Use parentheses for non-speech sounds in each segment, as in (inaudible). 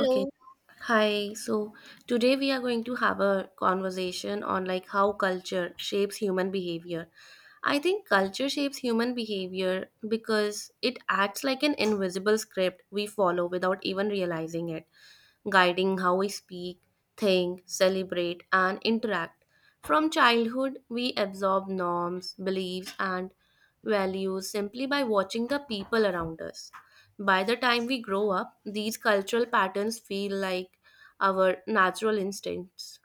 Okay. Hi. So today we are going to have a conversation on like how culture shapes human behavior. I think culture shapes human behavior because it acts like an invisible script we follow without even realizing it guiding how we speak, think, celebrate, and interact. From childhood, we absorb norms, beliefs, and values simply by watching the people around us. By the time we grow up, these cultural patterns feel like our natural instincts.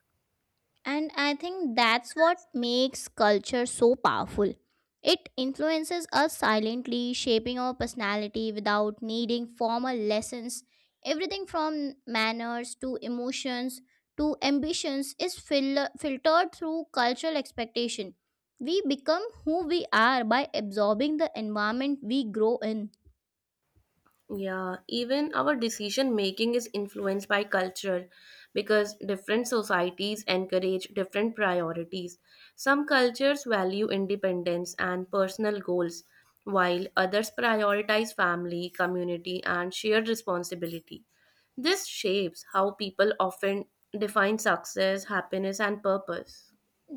And I think that's what makes culture so powerful. It influences us silently, shaping our personality without needing formal lessons. Everything from manners to emotions to ambitions is filtered through cultural expectation. We become who we are by absorbing the environment we grow in. Yeah, even our decision making is influenced by culture because different societies encourage different priorities. Some cultures value independence and personal goals, while others prioritize family, community, and shared responsibility. This shapes how people often define success, happiness, and purpose.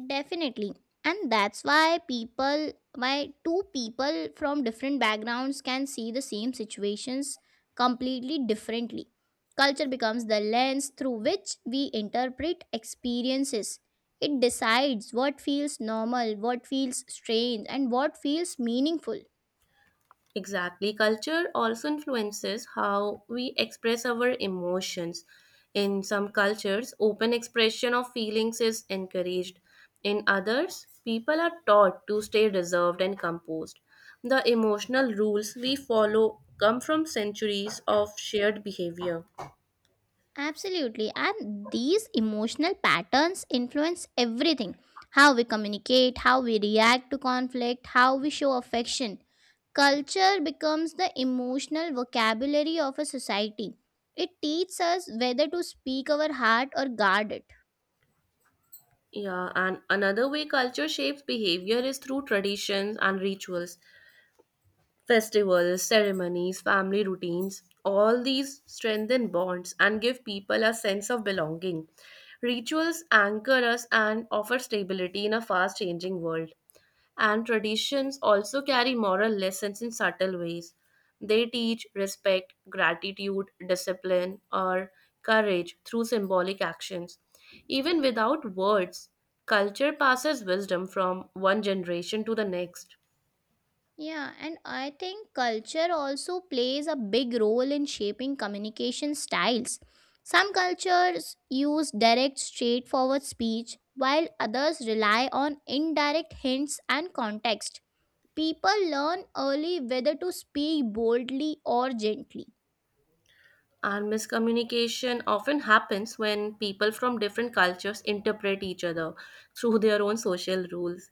Definitely. And that's why two people from different backgrounds can see the same situations completely differently. Culture becomes the lens through which we interpret experiences. It decides what feels normal, what feels strange, and what feels meaningful. Exactly. Culture also influences how we express our emotions. In some cultures, open expression of feelings is encouraged. In others, people are taught to stay reserved and composed. The emotional rules we follow come from centuries of shared behavior. Absolutely. And these emotional patterns influence everything, how we communicate, how we react to conflict, how we show affection. Culture becomes the emotional vocabulary of a society. It teaches us whether to speak our heart or guard it. Yeah, and another way culture shapes behavior is through traditions and rituals. Festivals, ceremonies, family routines, all these strengthen bonds and give people a sense of belonging. Rituals anchor us and offer stability in a fast changing world. And traditions also carry moral lessons in subtle ways. They teach respect, gratitude, discipline, or courage through symbolic actions. Even without words, culture passes wisdom from one generation to the next. Yeah, and I think culture also plays a big role in shaping communication styles. Some cultures use direct, straightforward speech, while others rely on indirect hints and context. People learn early whether to speak boldly or gently. And miscommunication often happens when people from different cultures interpret each other through their own social rules.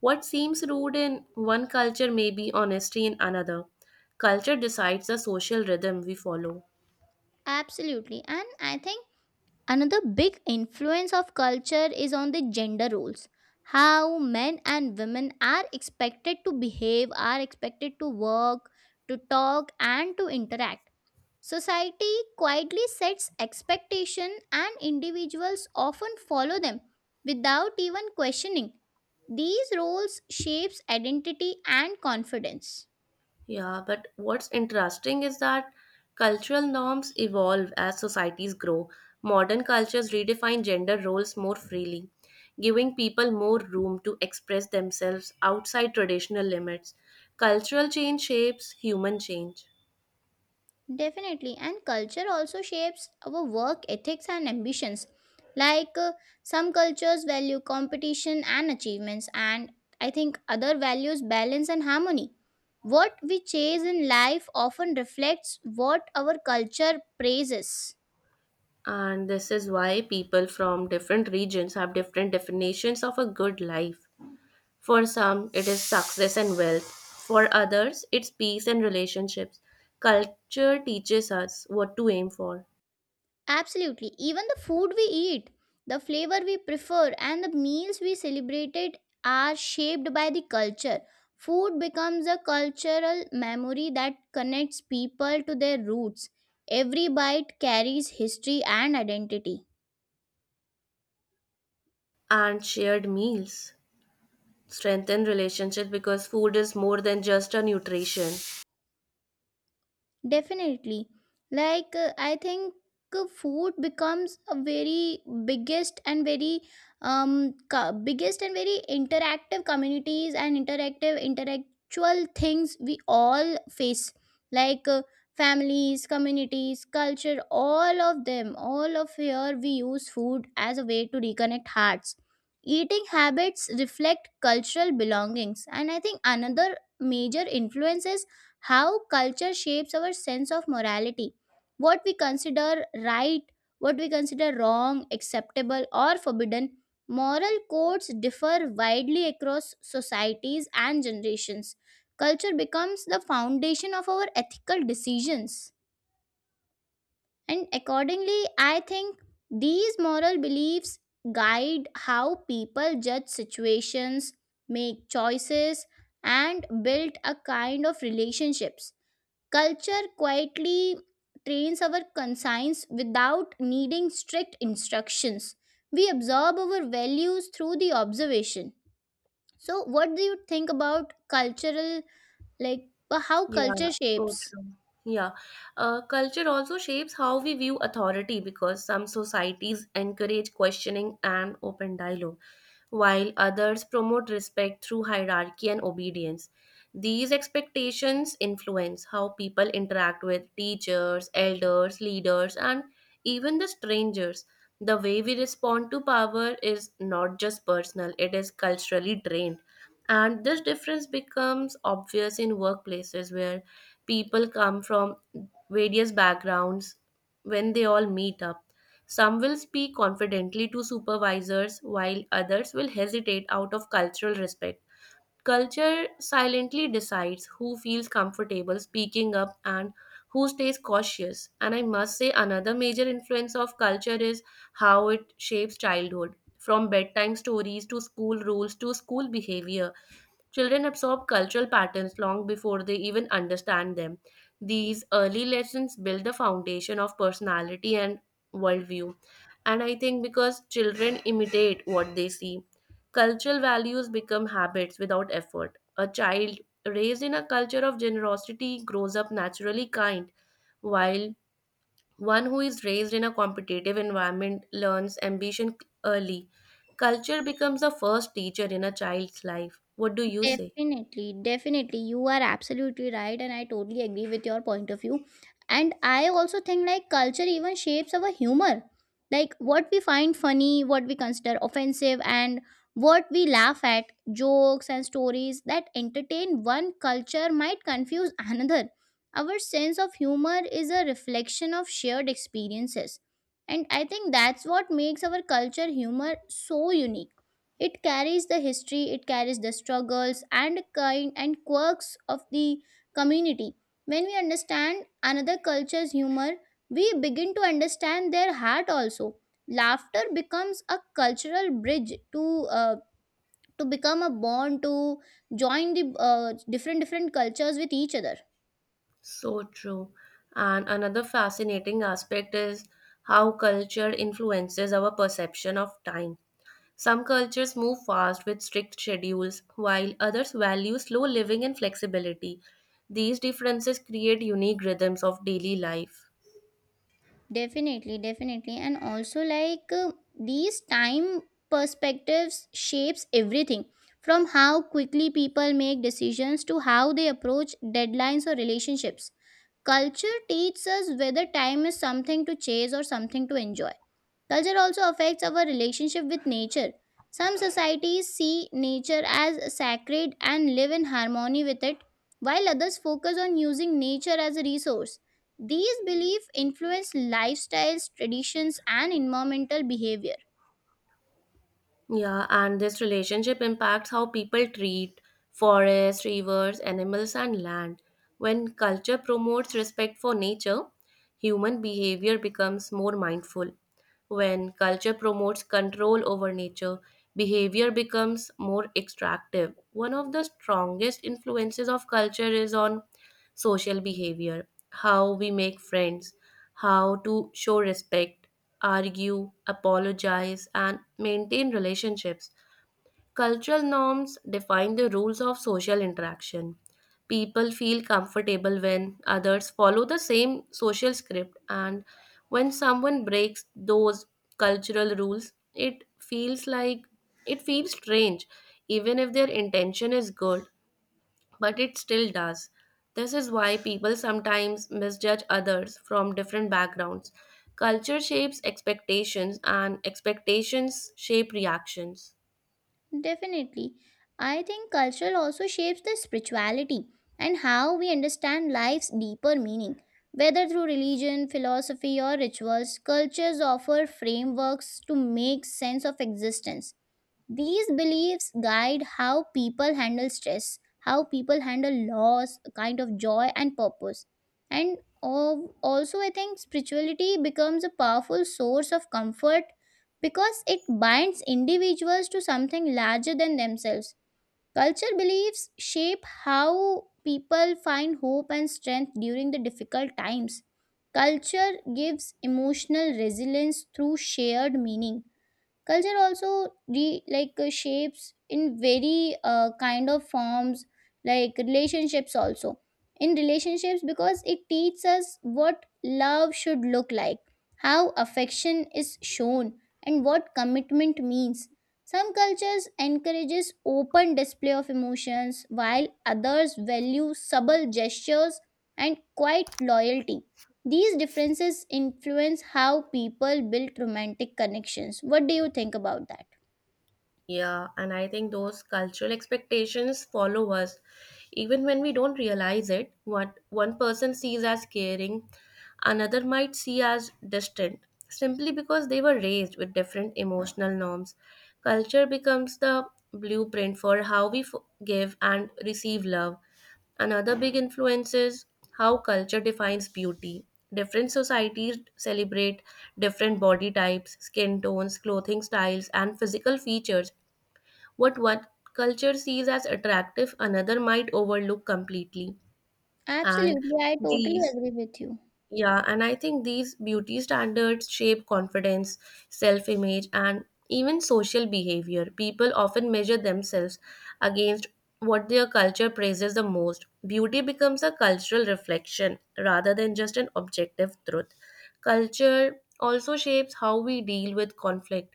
What seems rude in one culture may be honesty in another. Culture decides the social rhythm we follow. Absolutely. And I think another big influence of culture is on the gender roles. How men and women are expected to behave, are expected to work, to talk, and to interact. Society quietly sets expectation, and individuals often follow them without even questioning. These roles shapes identity and confidence. Yeah, but what's interesting is that cultural norms evolve as societies grow. Modern cultures redefine gender roles more freely, giving people more room to express themselves outside traditional limits. Cultural change shapes human change. Definitely. And culture also shapes our work ethics and ambitions. Like uh, some cultures value competition and achievements, and I think other values balance and harmony. What we chase in life often reflects what our culture praises. And this is why people from different regions have different definitions of a good life. For some, it is success and wealth. For others, it's peace and relationships. Culture teaches us what to aim for. Absolutely. Even the food we eat, the flavor we prefer, and the meals we celebrated are shaped by the culture. Food becomes a cultural memory that connects people to their roots. Every bite carries history and identity. And shared meals strengthen relationship because food is more than just a nutrition. Definitely. I think food becomes a very biggest and very biggest and very interactive communities and interactive intellectual things we all face, like uh, families, communities, culture, all of them, all of here we use food as a way to reconnect hearts. Eating habits reflect cultural belongings, and I think another major influences how culture shapes our sense of morality, what we consider right, what we consider wrong, acceptable or forbidden. Moral codes differ widely across societies and generations. Culture becomes the foundation of our ethical decisions, and accordingly I think these moral beliefs guide how people judge situations, make choices, and build a kind of relationships. Culture quietly trains our conscience without needing strict instructions. We absorb our values through the observation. So, what do you think about cultural, how Yeah, culture so shapes? true. Yeah. Culture also shapes how we view authority because some societies encourage questioning and open dialogue, while others promote respect through hierarchy and obedience. These expectations influence how people interact with teachers, elders, leaders, and even the strangers. The way we respond to power is not just personal, it is culturally drained. And this difference becomes obvious in workplaces where people come from various backgrounds when they all meet up. Some will speak confidently to supervisors while others will hesitate out of cultural respect. Culture silently decides who feels comfortable speaking up and who stays cautious. And I must say, another major influence of culture is how it shapes childhood. From bedtime stories to school rules to school behavior, children absorb cultural patterns long before they even understand them. These early lessons build the foundation of personality and worldview. And I think because children imitate what they see, cultural values become habits without effort. A child raised in a culture of generosity grows up naturally kind, while one who is raised in a competitive environment learns ambition early. Culture becomes the first teacher in a child's life. What do you say? Definitely, definitely. You are absolutely right, and I totally agree with your point of view. And I also think like culture even shapes our humor. Like what we find funny, what we consider offensive, and what we laugh at, jokes and stories that entertain one culture might confuse (laughs) another. Our sense of humor is a reflection of shared experiences. And I think that's what makes our culture humor so unique. It carries the history, it carries the struggles and kind and quirks of the community. When we understand another culture's humor, we begin to understand their heart also. Laughter becomes a cultural bridge to become a bond to join the different cultures with each other. So true. And another fascinating aspect is how culture influences our perception of time. Some cultures move fast with strict schedules, while others value slow living and flexibility. These differences create unique rhythms of daily life. Definitely, definitely. And also, these time perspectives shapes everything, from how quickly people make decisions to how they approach deadlines or relationships. Culture teaches us whether time is something to chase or something to enjoy. Culture also affects our relationship with nature. Some societies see nature as sacred and live in harmony with it, while others focus on using nature as a resource. These beliefs influence lifestyles, traditions, and environmental behavior. Yeah, and this relationship impacts how people treat forests, rivers, animals, and land. When culture promotes respect for nature, human behavior becomes more mindful. When culture promotes control over nature, behavior becomes more extractive. One of the strongest influences of culture is on social behavior, how we make friends, how to show respect, argue, apologize, and maintain relationships. Cultural norms define the rules of social interaction. People feel comfortable when others follow the same social script, and when someone breaks those cultural rules, it feels strange, even if their intention is good but it still does. This is why people sometimes misjudge others from different backgrounds. Culture shapes expectations, and expectations shape reactions. Definitely. I think culture also shapes the spirituality and how we understand life's deeper meaning. Whether through religion, philosophy, or rituals, cultures offer frameworks to make sense of existence. These beliefs guide how people handle stress, how people handle loss, kind of joy, and purpose. And also, I think spirituality becomes a powerful source of comfort because it binds individuals to something larger than themselves. Culture beliefs shape how people find hope and strength during the difficult times. Culture gives emotional resilience through shared meaning. Culture also shapes in very kind of forms, like relationships also, in relationships, because it teaches us what love should look like, how affection is shown, and what commitment means. Some cultures encourages open display of emotions, while others value subtle gestures and quiet loyalty. These differences influence how people build romantic connections. What do you think about that? Yeah, and I think those cultural expectations follow us even when we don't realize it. What one person sees as caring, another might see as distant simply because they were raised with different emotional norms. Culture becomes the blueprint for how we give and receive love. Another big influence is how culture defines beauty. Different societies celebrate different body types, skin tones, clothing styles, and physical features, what one culture sees as attractive, another might overlook completely. And Absolutely, I totally these, agree with you. yeah, and I think these beauty standards shape confidence, self image, and even social behavior. People often measure themselves against what their culture praises the most. Beauty becomes a cultural reflection rather than just an objective truth. Culture also shapes how we deal with conflict,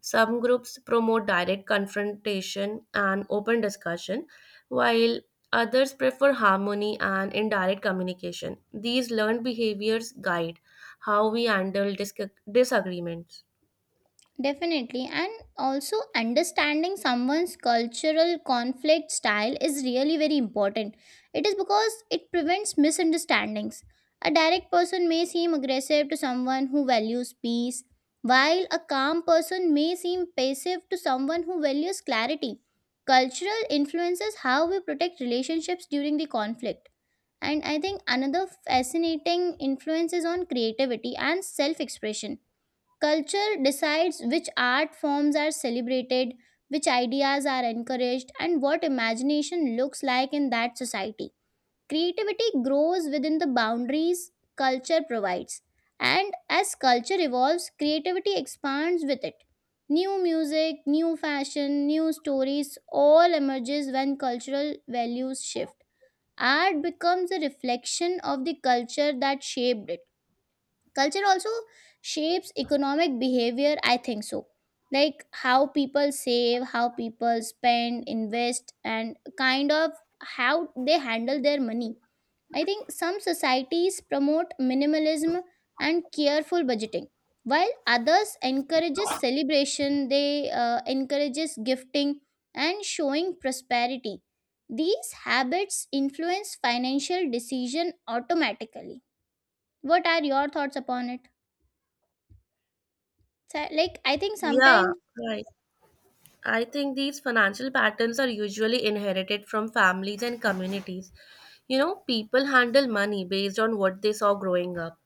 some groups promote direct confrontation and open discussion, while others prefer harmony and indirect communication. These learned behaviors guide how we handle disagreements. Definitely, and also understanding someone's cultural conflict style is really very important. It is because it prevents misunderstandings. A direct person may seem aggressive to someone who values peace, while a calm person may seem passive to someone who values clarity. Cultural influences how we protect relationships during the conflict. And I think another fascinating influence is on creativity and self expression. Culture decides which art forms are celebrated, which ideas are encouraged, and what imagination looks like in that society. Creativity grows within the boundaries culture provides, and as culture evolves, creativity expands with it. New music, new fashion, new stories all emerges when cultural values shift. Art becomes a reflection of the culture that shaped it. Culture also shapes economic behavior, I think so, like how people save, how people spend, invest, and kind of how they handle their money. I think some societies promote minimalism and careful budgeting, while others encourages celebration. They encourages gifting and showing prosperity. These habits influence financial decision automatically. What are your thoughts upon it? So, like I think Yeah, sometimes right. I think these financial patterns are usually inherited from families and communities. You know, people handle money based on what they saw growing up.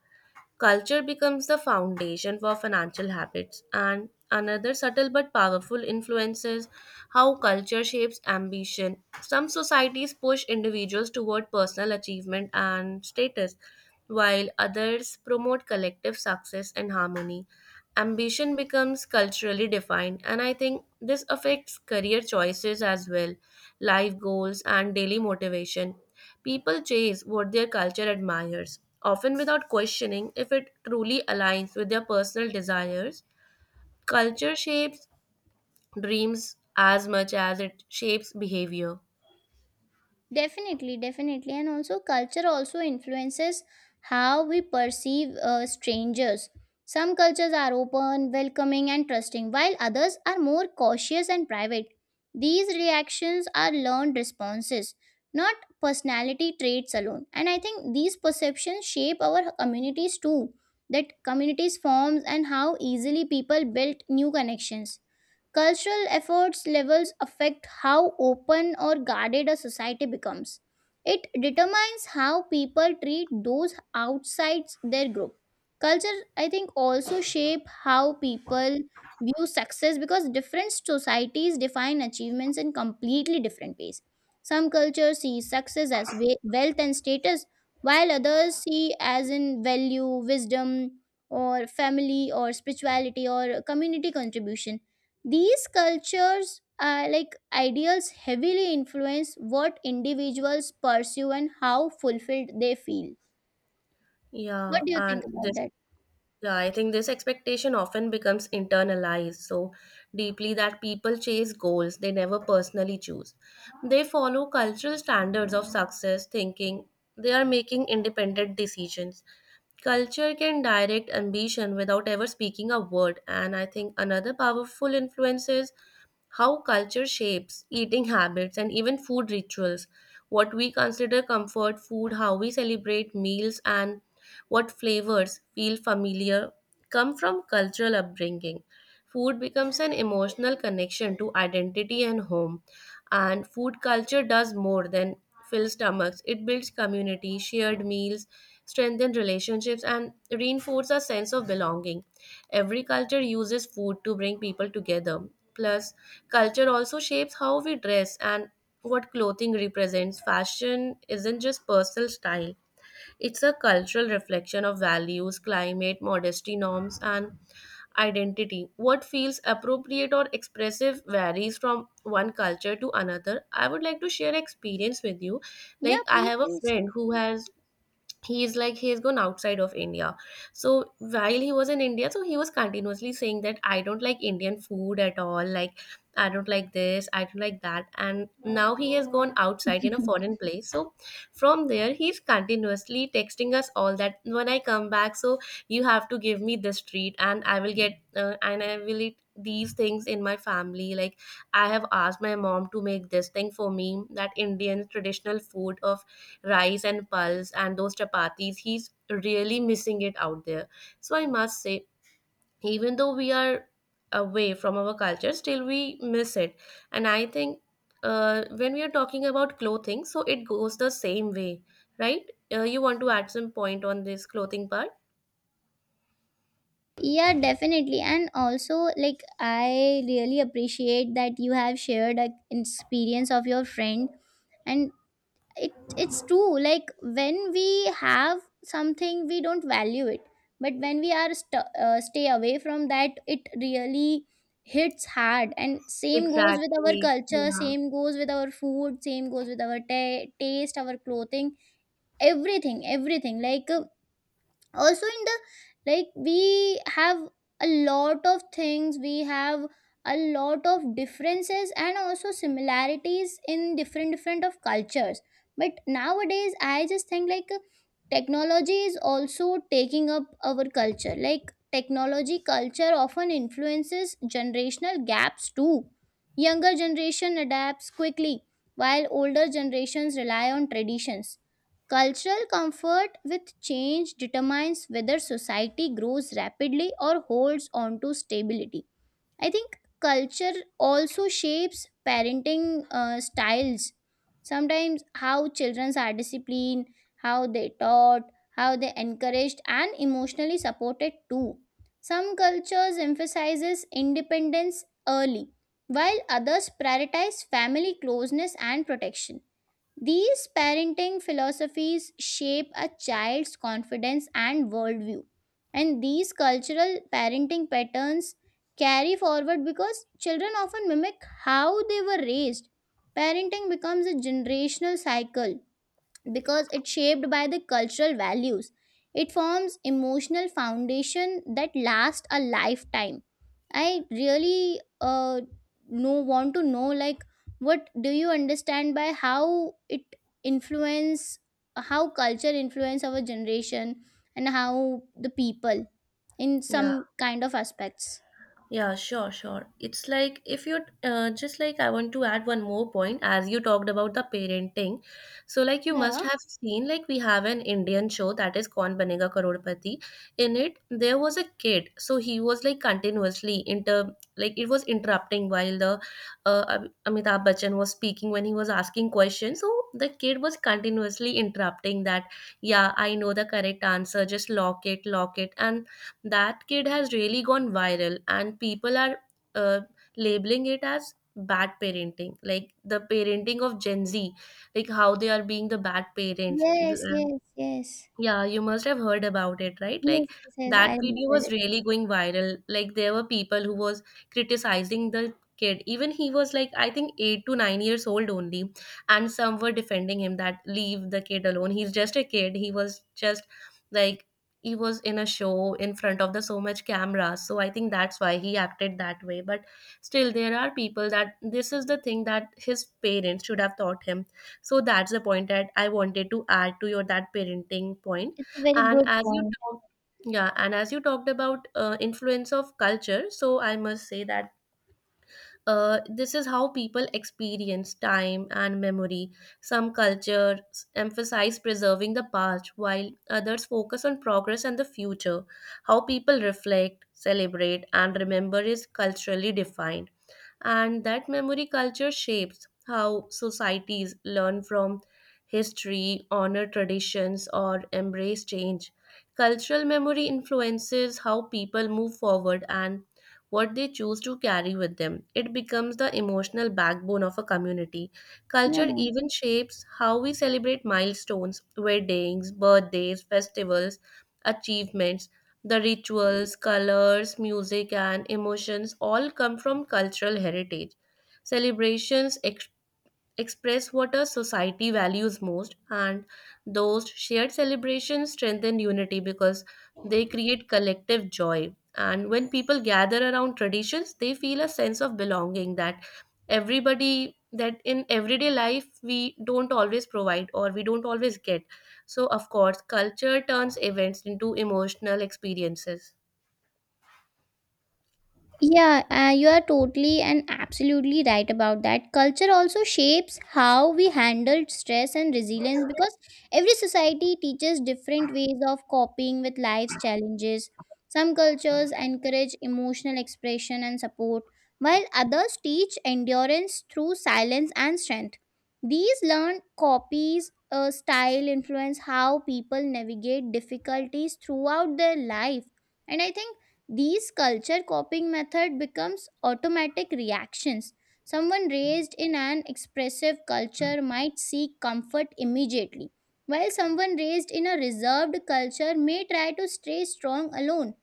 Culture becomes the foundation for financial habits, and another subtle but powerful influence is how culture shapes ambition. Some societies push individuals toward personal achievement and status, while others promote collective success and harmony. Ambition becomes culturally defined, and I think this affects career choices as well, life goals, and daily motivation. People chase what their culture admires, often without questioning if it truly aligns with their personal desires. Culture shapes dreams as much as it shapes behavior. definitely, definitely. And also culture also influences how we perceive strangers. Some cultures are open, welcoming, and trusting, while others are more cautious and private. These reactions are learned responses, not personality traits alone. And I think these perceptions shape our communities too, that communities forms and how easily people build new connections. Cultural efforts levels affect how open or guarded a society becomes. It determines how people treat those outside their group. Culture, I think, also shape how people view success, because different societies define achievements in completely different ways. Some cultures see success as wealth and status, while others see as in value, wisdom, or family, or spirituality, or community contribution. These cultures are like ideals heavily influence what individuals pursue and how fulfilled they feel. What Yeah, do you think and about this that? Yeah, I think this expectation often becomes internalized so deeply that people chase goals they never personally choose. They follow cultural standards of success, thinking they are making independent decisions. Culture can direct ambition without ever speaking a word, and I think another powerful influence is how culture shapes eating habits and even food rituals, what we consider comfort food, how we celebrate meals, and what flavors feel familiar come from cultural upbringing. Food becomes an emotional connection to identity and home. And food culture does more than fill stomachs. It builds community, shared meals, strengthens relationships, and reinforces a sense of belonging. Every culture uses food to bring people together. Plus, culture also shapes how we dress and what clothing represents. Fashion isn't just personal style, it's a cultural reflection of values, climate, modesty norms, and identity. What feels appropriate or expressive varies from one culture to another. I would like to share experience with you. Yeah, Like I please, have a please. friend who has he's gone outside of India, so while he was in India so he was continuously saying that I don't like Indian food at all, like I don't like this, I don't like that, and now he has gone outside in a (laughs) foreign place so from there he's continuously texting us all that when I come back so you have to give me this treat and I will get and I will eat these things in my family, like I have asked my mom to make this thing for me, that Indian traditional food of rice and pulse and those chapatis. He's really missing it out there. So I must say, even though we are away from our culture, still we miss it. And I think when we are talking about clothing, so it goes the same way, right? You want to add some point on this clothing part? Yeah, definitely. And also, like, I really appreciate that you have shared an experience of your friend. And it's true, like when we have something we don't value it, but when we are stay away from that it really hits hard. And same goes with our Exactly. culture, Yeah. same goes with our food, same goes with our taste, our clothing, everything, everything. Like also in the like we have a lot of things, we have a lot of differences and also similarities in different of cultures. But nowadays I just think like technology is also taking up our culture. Like technology culture often influences generational gaps too. Younger generation adapts quickly, while older generations rely on traditions. Cultural comfort with change determines whether society grows rapidly or holds on to stability. I think culture also shapes parenting styles. Sometimes, how children are disciplined, how they taught, how they encouraged and emotionally supported too. Some cultures emphasizes independence early, while others prioritize family closeness and protection. These parenting philosophies shape a child's confidence and worldview. And these cultural parenting patterns carry forward because children often mimic how they were raised. Parenting becomes a generational cycle because it's shaped by the cultural values. It forms emotional foundation that lasts a lifetime. I really know want to know like what do you understand by how it influence, how culture influence our generation and how the people in Yeah. some kind of aspects. Yeah, sure, sure. It's like if you just like I want to add one more point as you talked about the parenting. So like you Yeah. must have seen like we have an Indian show that is Kaun Banega Karodpati. In it there was a kid. So he was like continuously inter like it was interrupting while the Amitabh Bachchan was speaking when he was asking questions. So the kid was continuously interrupting that, yeah, I know the correct answer, just lock it, lock it. And that kid has really gone viral and people are uh, labeling it as bad parenting, like the parenting of Gen Z, like how they are being the bad parents. Yes, yes, yes. Yeah, you must have heard about it, right? Yes, Like yes, yes, I that video remember was it. really going viral. Like there were people who was criticizing the kid. Even he was like I think 8 to 9 years old only, and some were defending him that leave the kid alone. He's just a kid. He was just like he was in a show in front of the so much camera. So I think that's why he acted that way. But still there are people that this is the thing that his parents should have taught him, so that's the point that I wanted to add to your that parenting point. It's a very And good as you point. talked, yeah, and as you talked about influence of culture, so I must say that this is how people experience time and memory. Some cultures emphasize preserving the past, while others focus on progress and the future. How people reflect, celebrate, and remember is culturally defined, and that memory culture shapes how societies learn from history, honor traditions, or embrace change. Cultural memory influences how people move forward and what they choose to carry with them. It becomes the emotional backbone of a community. Yeah. Culture even shapes how we celebrate milestones, weddings, birthdays, festivals, achievements, the rituals, colors, music, and emotions all come from cultural heritage. Celebrations express what a society values most, and those shared celebrations strengthen unity because they create collective joy, and when people gather around traditions they feel a sense of belonging that everybody, that in everyday life we don't always provide or we don't always get, so of course culture turns events into emotional experiences. Yeah, you are totally and absolutely right about that. Culture also shapes how we handle stress and resilience because every society teaches different ways of coping with life's challenges. Some cultures encourage emotional expression and support, while others teach endurance through silence and strength. These learned copies style influence how people navigate difficulties throughout their life. And I think these culture coping method becomes automatic reactions. Someone raised in an expressive culture might seek comfort immediately, while someone raised in a reserved culture may try to stay strong alone.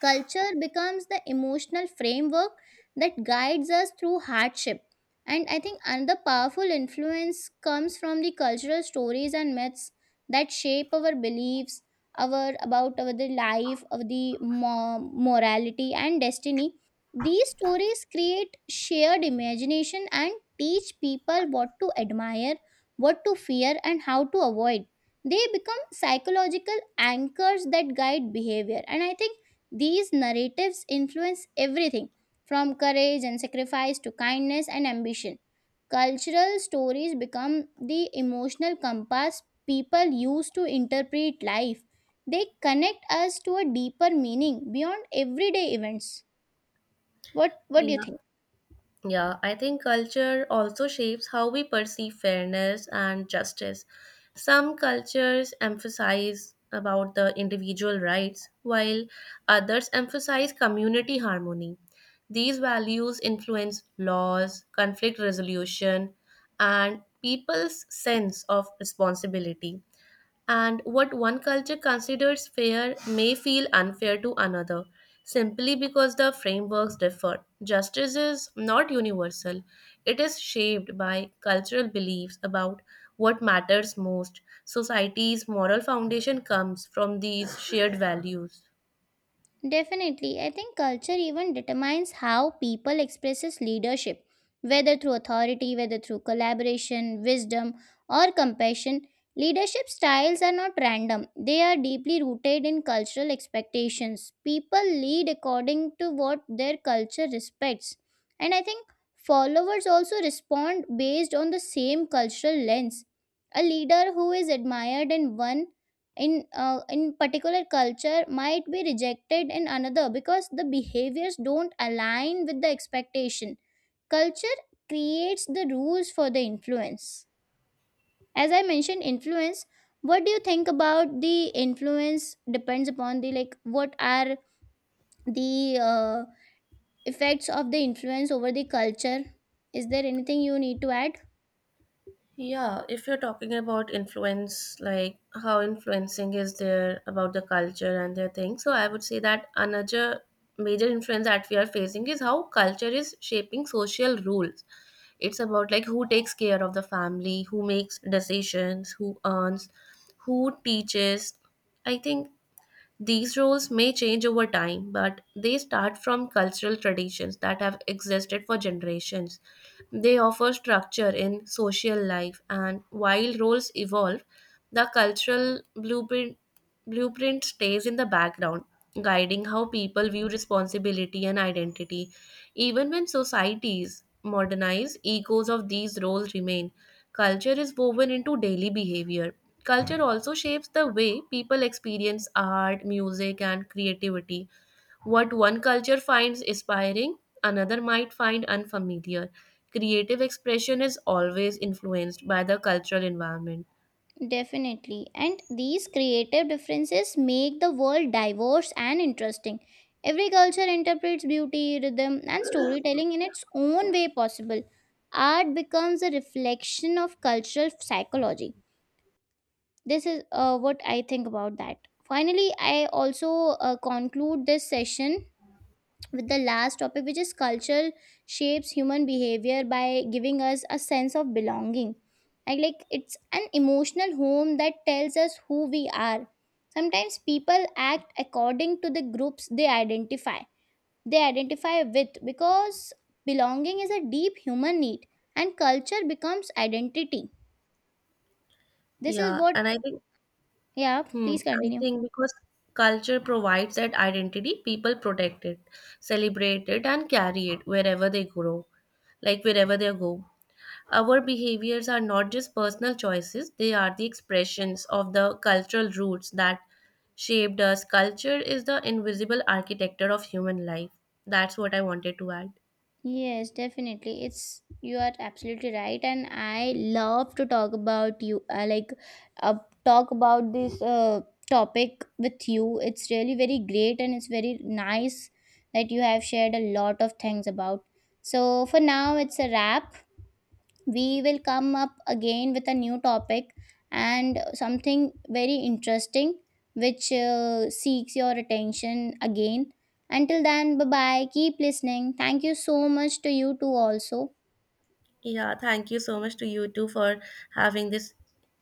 Culture becomes the emotional framework that guides us through hardship. And I think another powerful influence comes from the cultural stories and myths that shape our beliefs, our about our the life, of the morality and destiny. These stories create shared imagination and teach people what to admire, what to fear, and how to avoid. They become psychological anchors that guide behavior. And I think these narratives influence everything, from courage and sacrifice to kindness and ambition. Cultural stories become the emotional compass people use to interpret life. They connect us to a deeper meaning beyond everyday events. What do you Yeah. think? Yeah, I think culture also shapes how we perceive fairness and justice. Some cultures emphasize about the individual rights, while others emphasize community harmony. These values influence laws, conflict resolution, and people's sense of responsibility, and what one culture considers fair may feel unfair to another simply because the frameworks differ. Justice is not universal, it is shaped by cultural beliefs about what matters most. Society's moral foundation comes from these shared values. Definitely, I think culture even determines how people expresses leadership, whether through authority, whether through collaboration, wisdom, or compassion. Leadership styles are not random. They are deeply rooted in cultural expectations. People lead according to what their culture respects. And I think followers also respond based on the same cultural lens. A leader who is admired in one in particular culture might be rejected in another because the behaviors don't align with the expectation. Culture creates the rules for the influence. As I mentioned influence, what do you think about the influence depends upon the like what are the effects of the influence over the culture? Is there anything you need to add? Yeah, if you're talking about influence, like how influencing is there about the culture and their thing, so I would say that another major influence that we are facing is how culture is shaping social rules. It's about like who takes care of the family, who makes decisions, who earns, who teaches. I think these roles may change over time, but they start from cultural traditions that have existed for generations. They offer structure in social life, and while roles evolve, the cultural blueprint stays in the background, guiding how people view responsibility and identity. Even when societies modernize, echoes of these roles remain. Culture is woven into daily behavior. Culture also shapes the way people experience art, music, and creativity. What one culture finds inspiring, another might find unfamiliar. Creative expression is always influenced by the cultural environment. Definitely. And these creative differences make the world diverse and interesting. Every culture interprets beauty, rhythm, and storytelling in its own way possible. Art becomes a reflection of cultural psychology. This is what I think about that. Finally, I also conclude this session with the last topic, which is culture shapes human behavior by giving us a sense of belonging. And like it's an emotional home that tells us who we are. Sometimes people act according to the groups they identify with because belonging is a deep human need and culture becomes identity. This is Yeah, what. and I think, Yeah, hmm, please I continue. think because culture provides that identity, people protect it, celebrate it, and carry it wherever they grow, like wherever they go. Our behaviors are not just personal choices, they are the expressions of the cultural roots that shaped us. Culture is the invisible architecture of human life. That's what I wanted to add. Yes, definitely. It's you are absolutely right, and I love to talk about you, uh, talk about this topic with you. It's really very great, and it's very nice that you have shared a lot of things about. So for now, it's a wrap. We will come up again with a new topic and something very interesting which seeks your attention again. Until then, bye bye. Keep listening. Thank you so much to you too, also. Yeah, thank you so much to you too for having this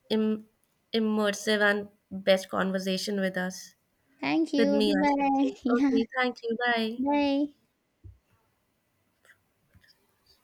Im- immersive and best conversation with us, Thank with you. me, I Bye should bye. say. (laughs) Yeah. Okay, thank you. Bye. Bye.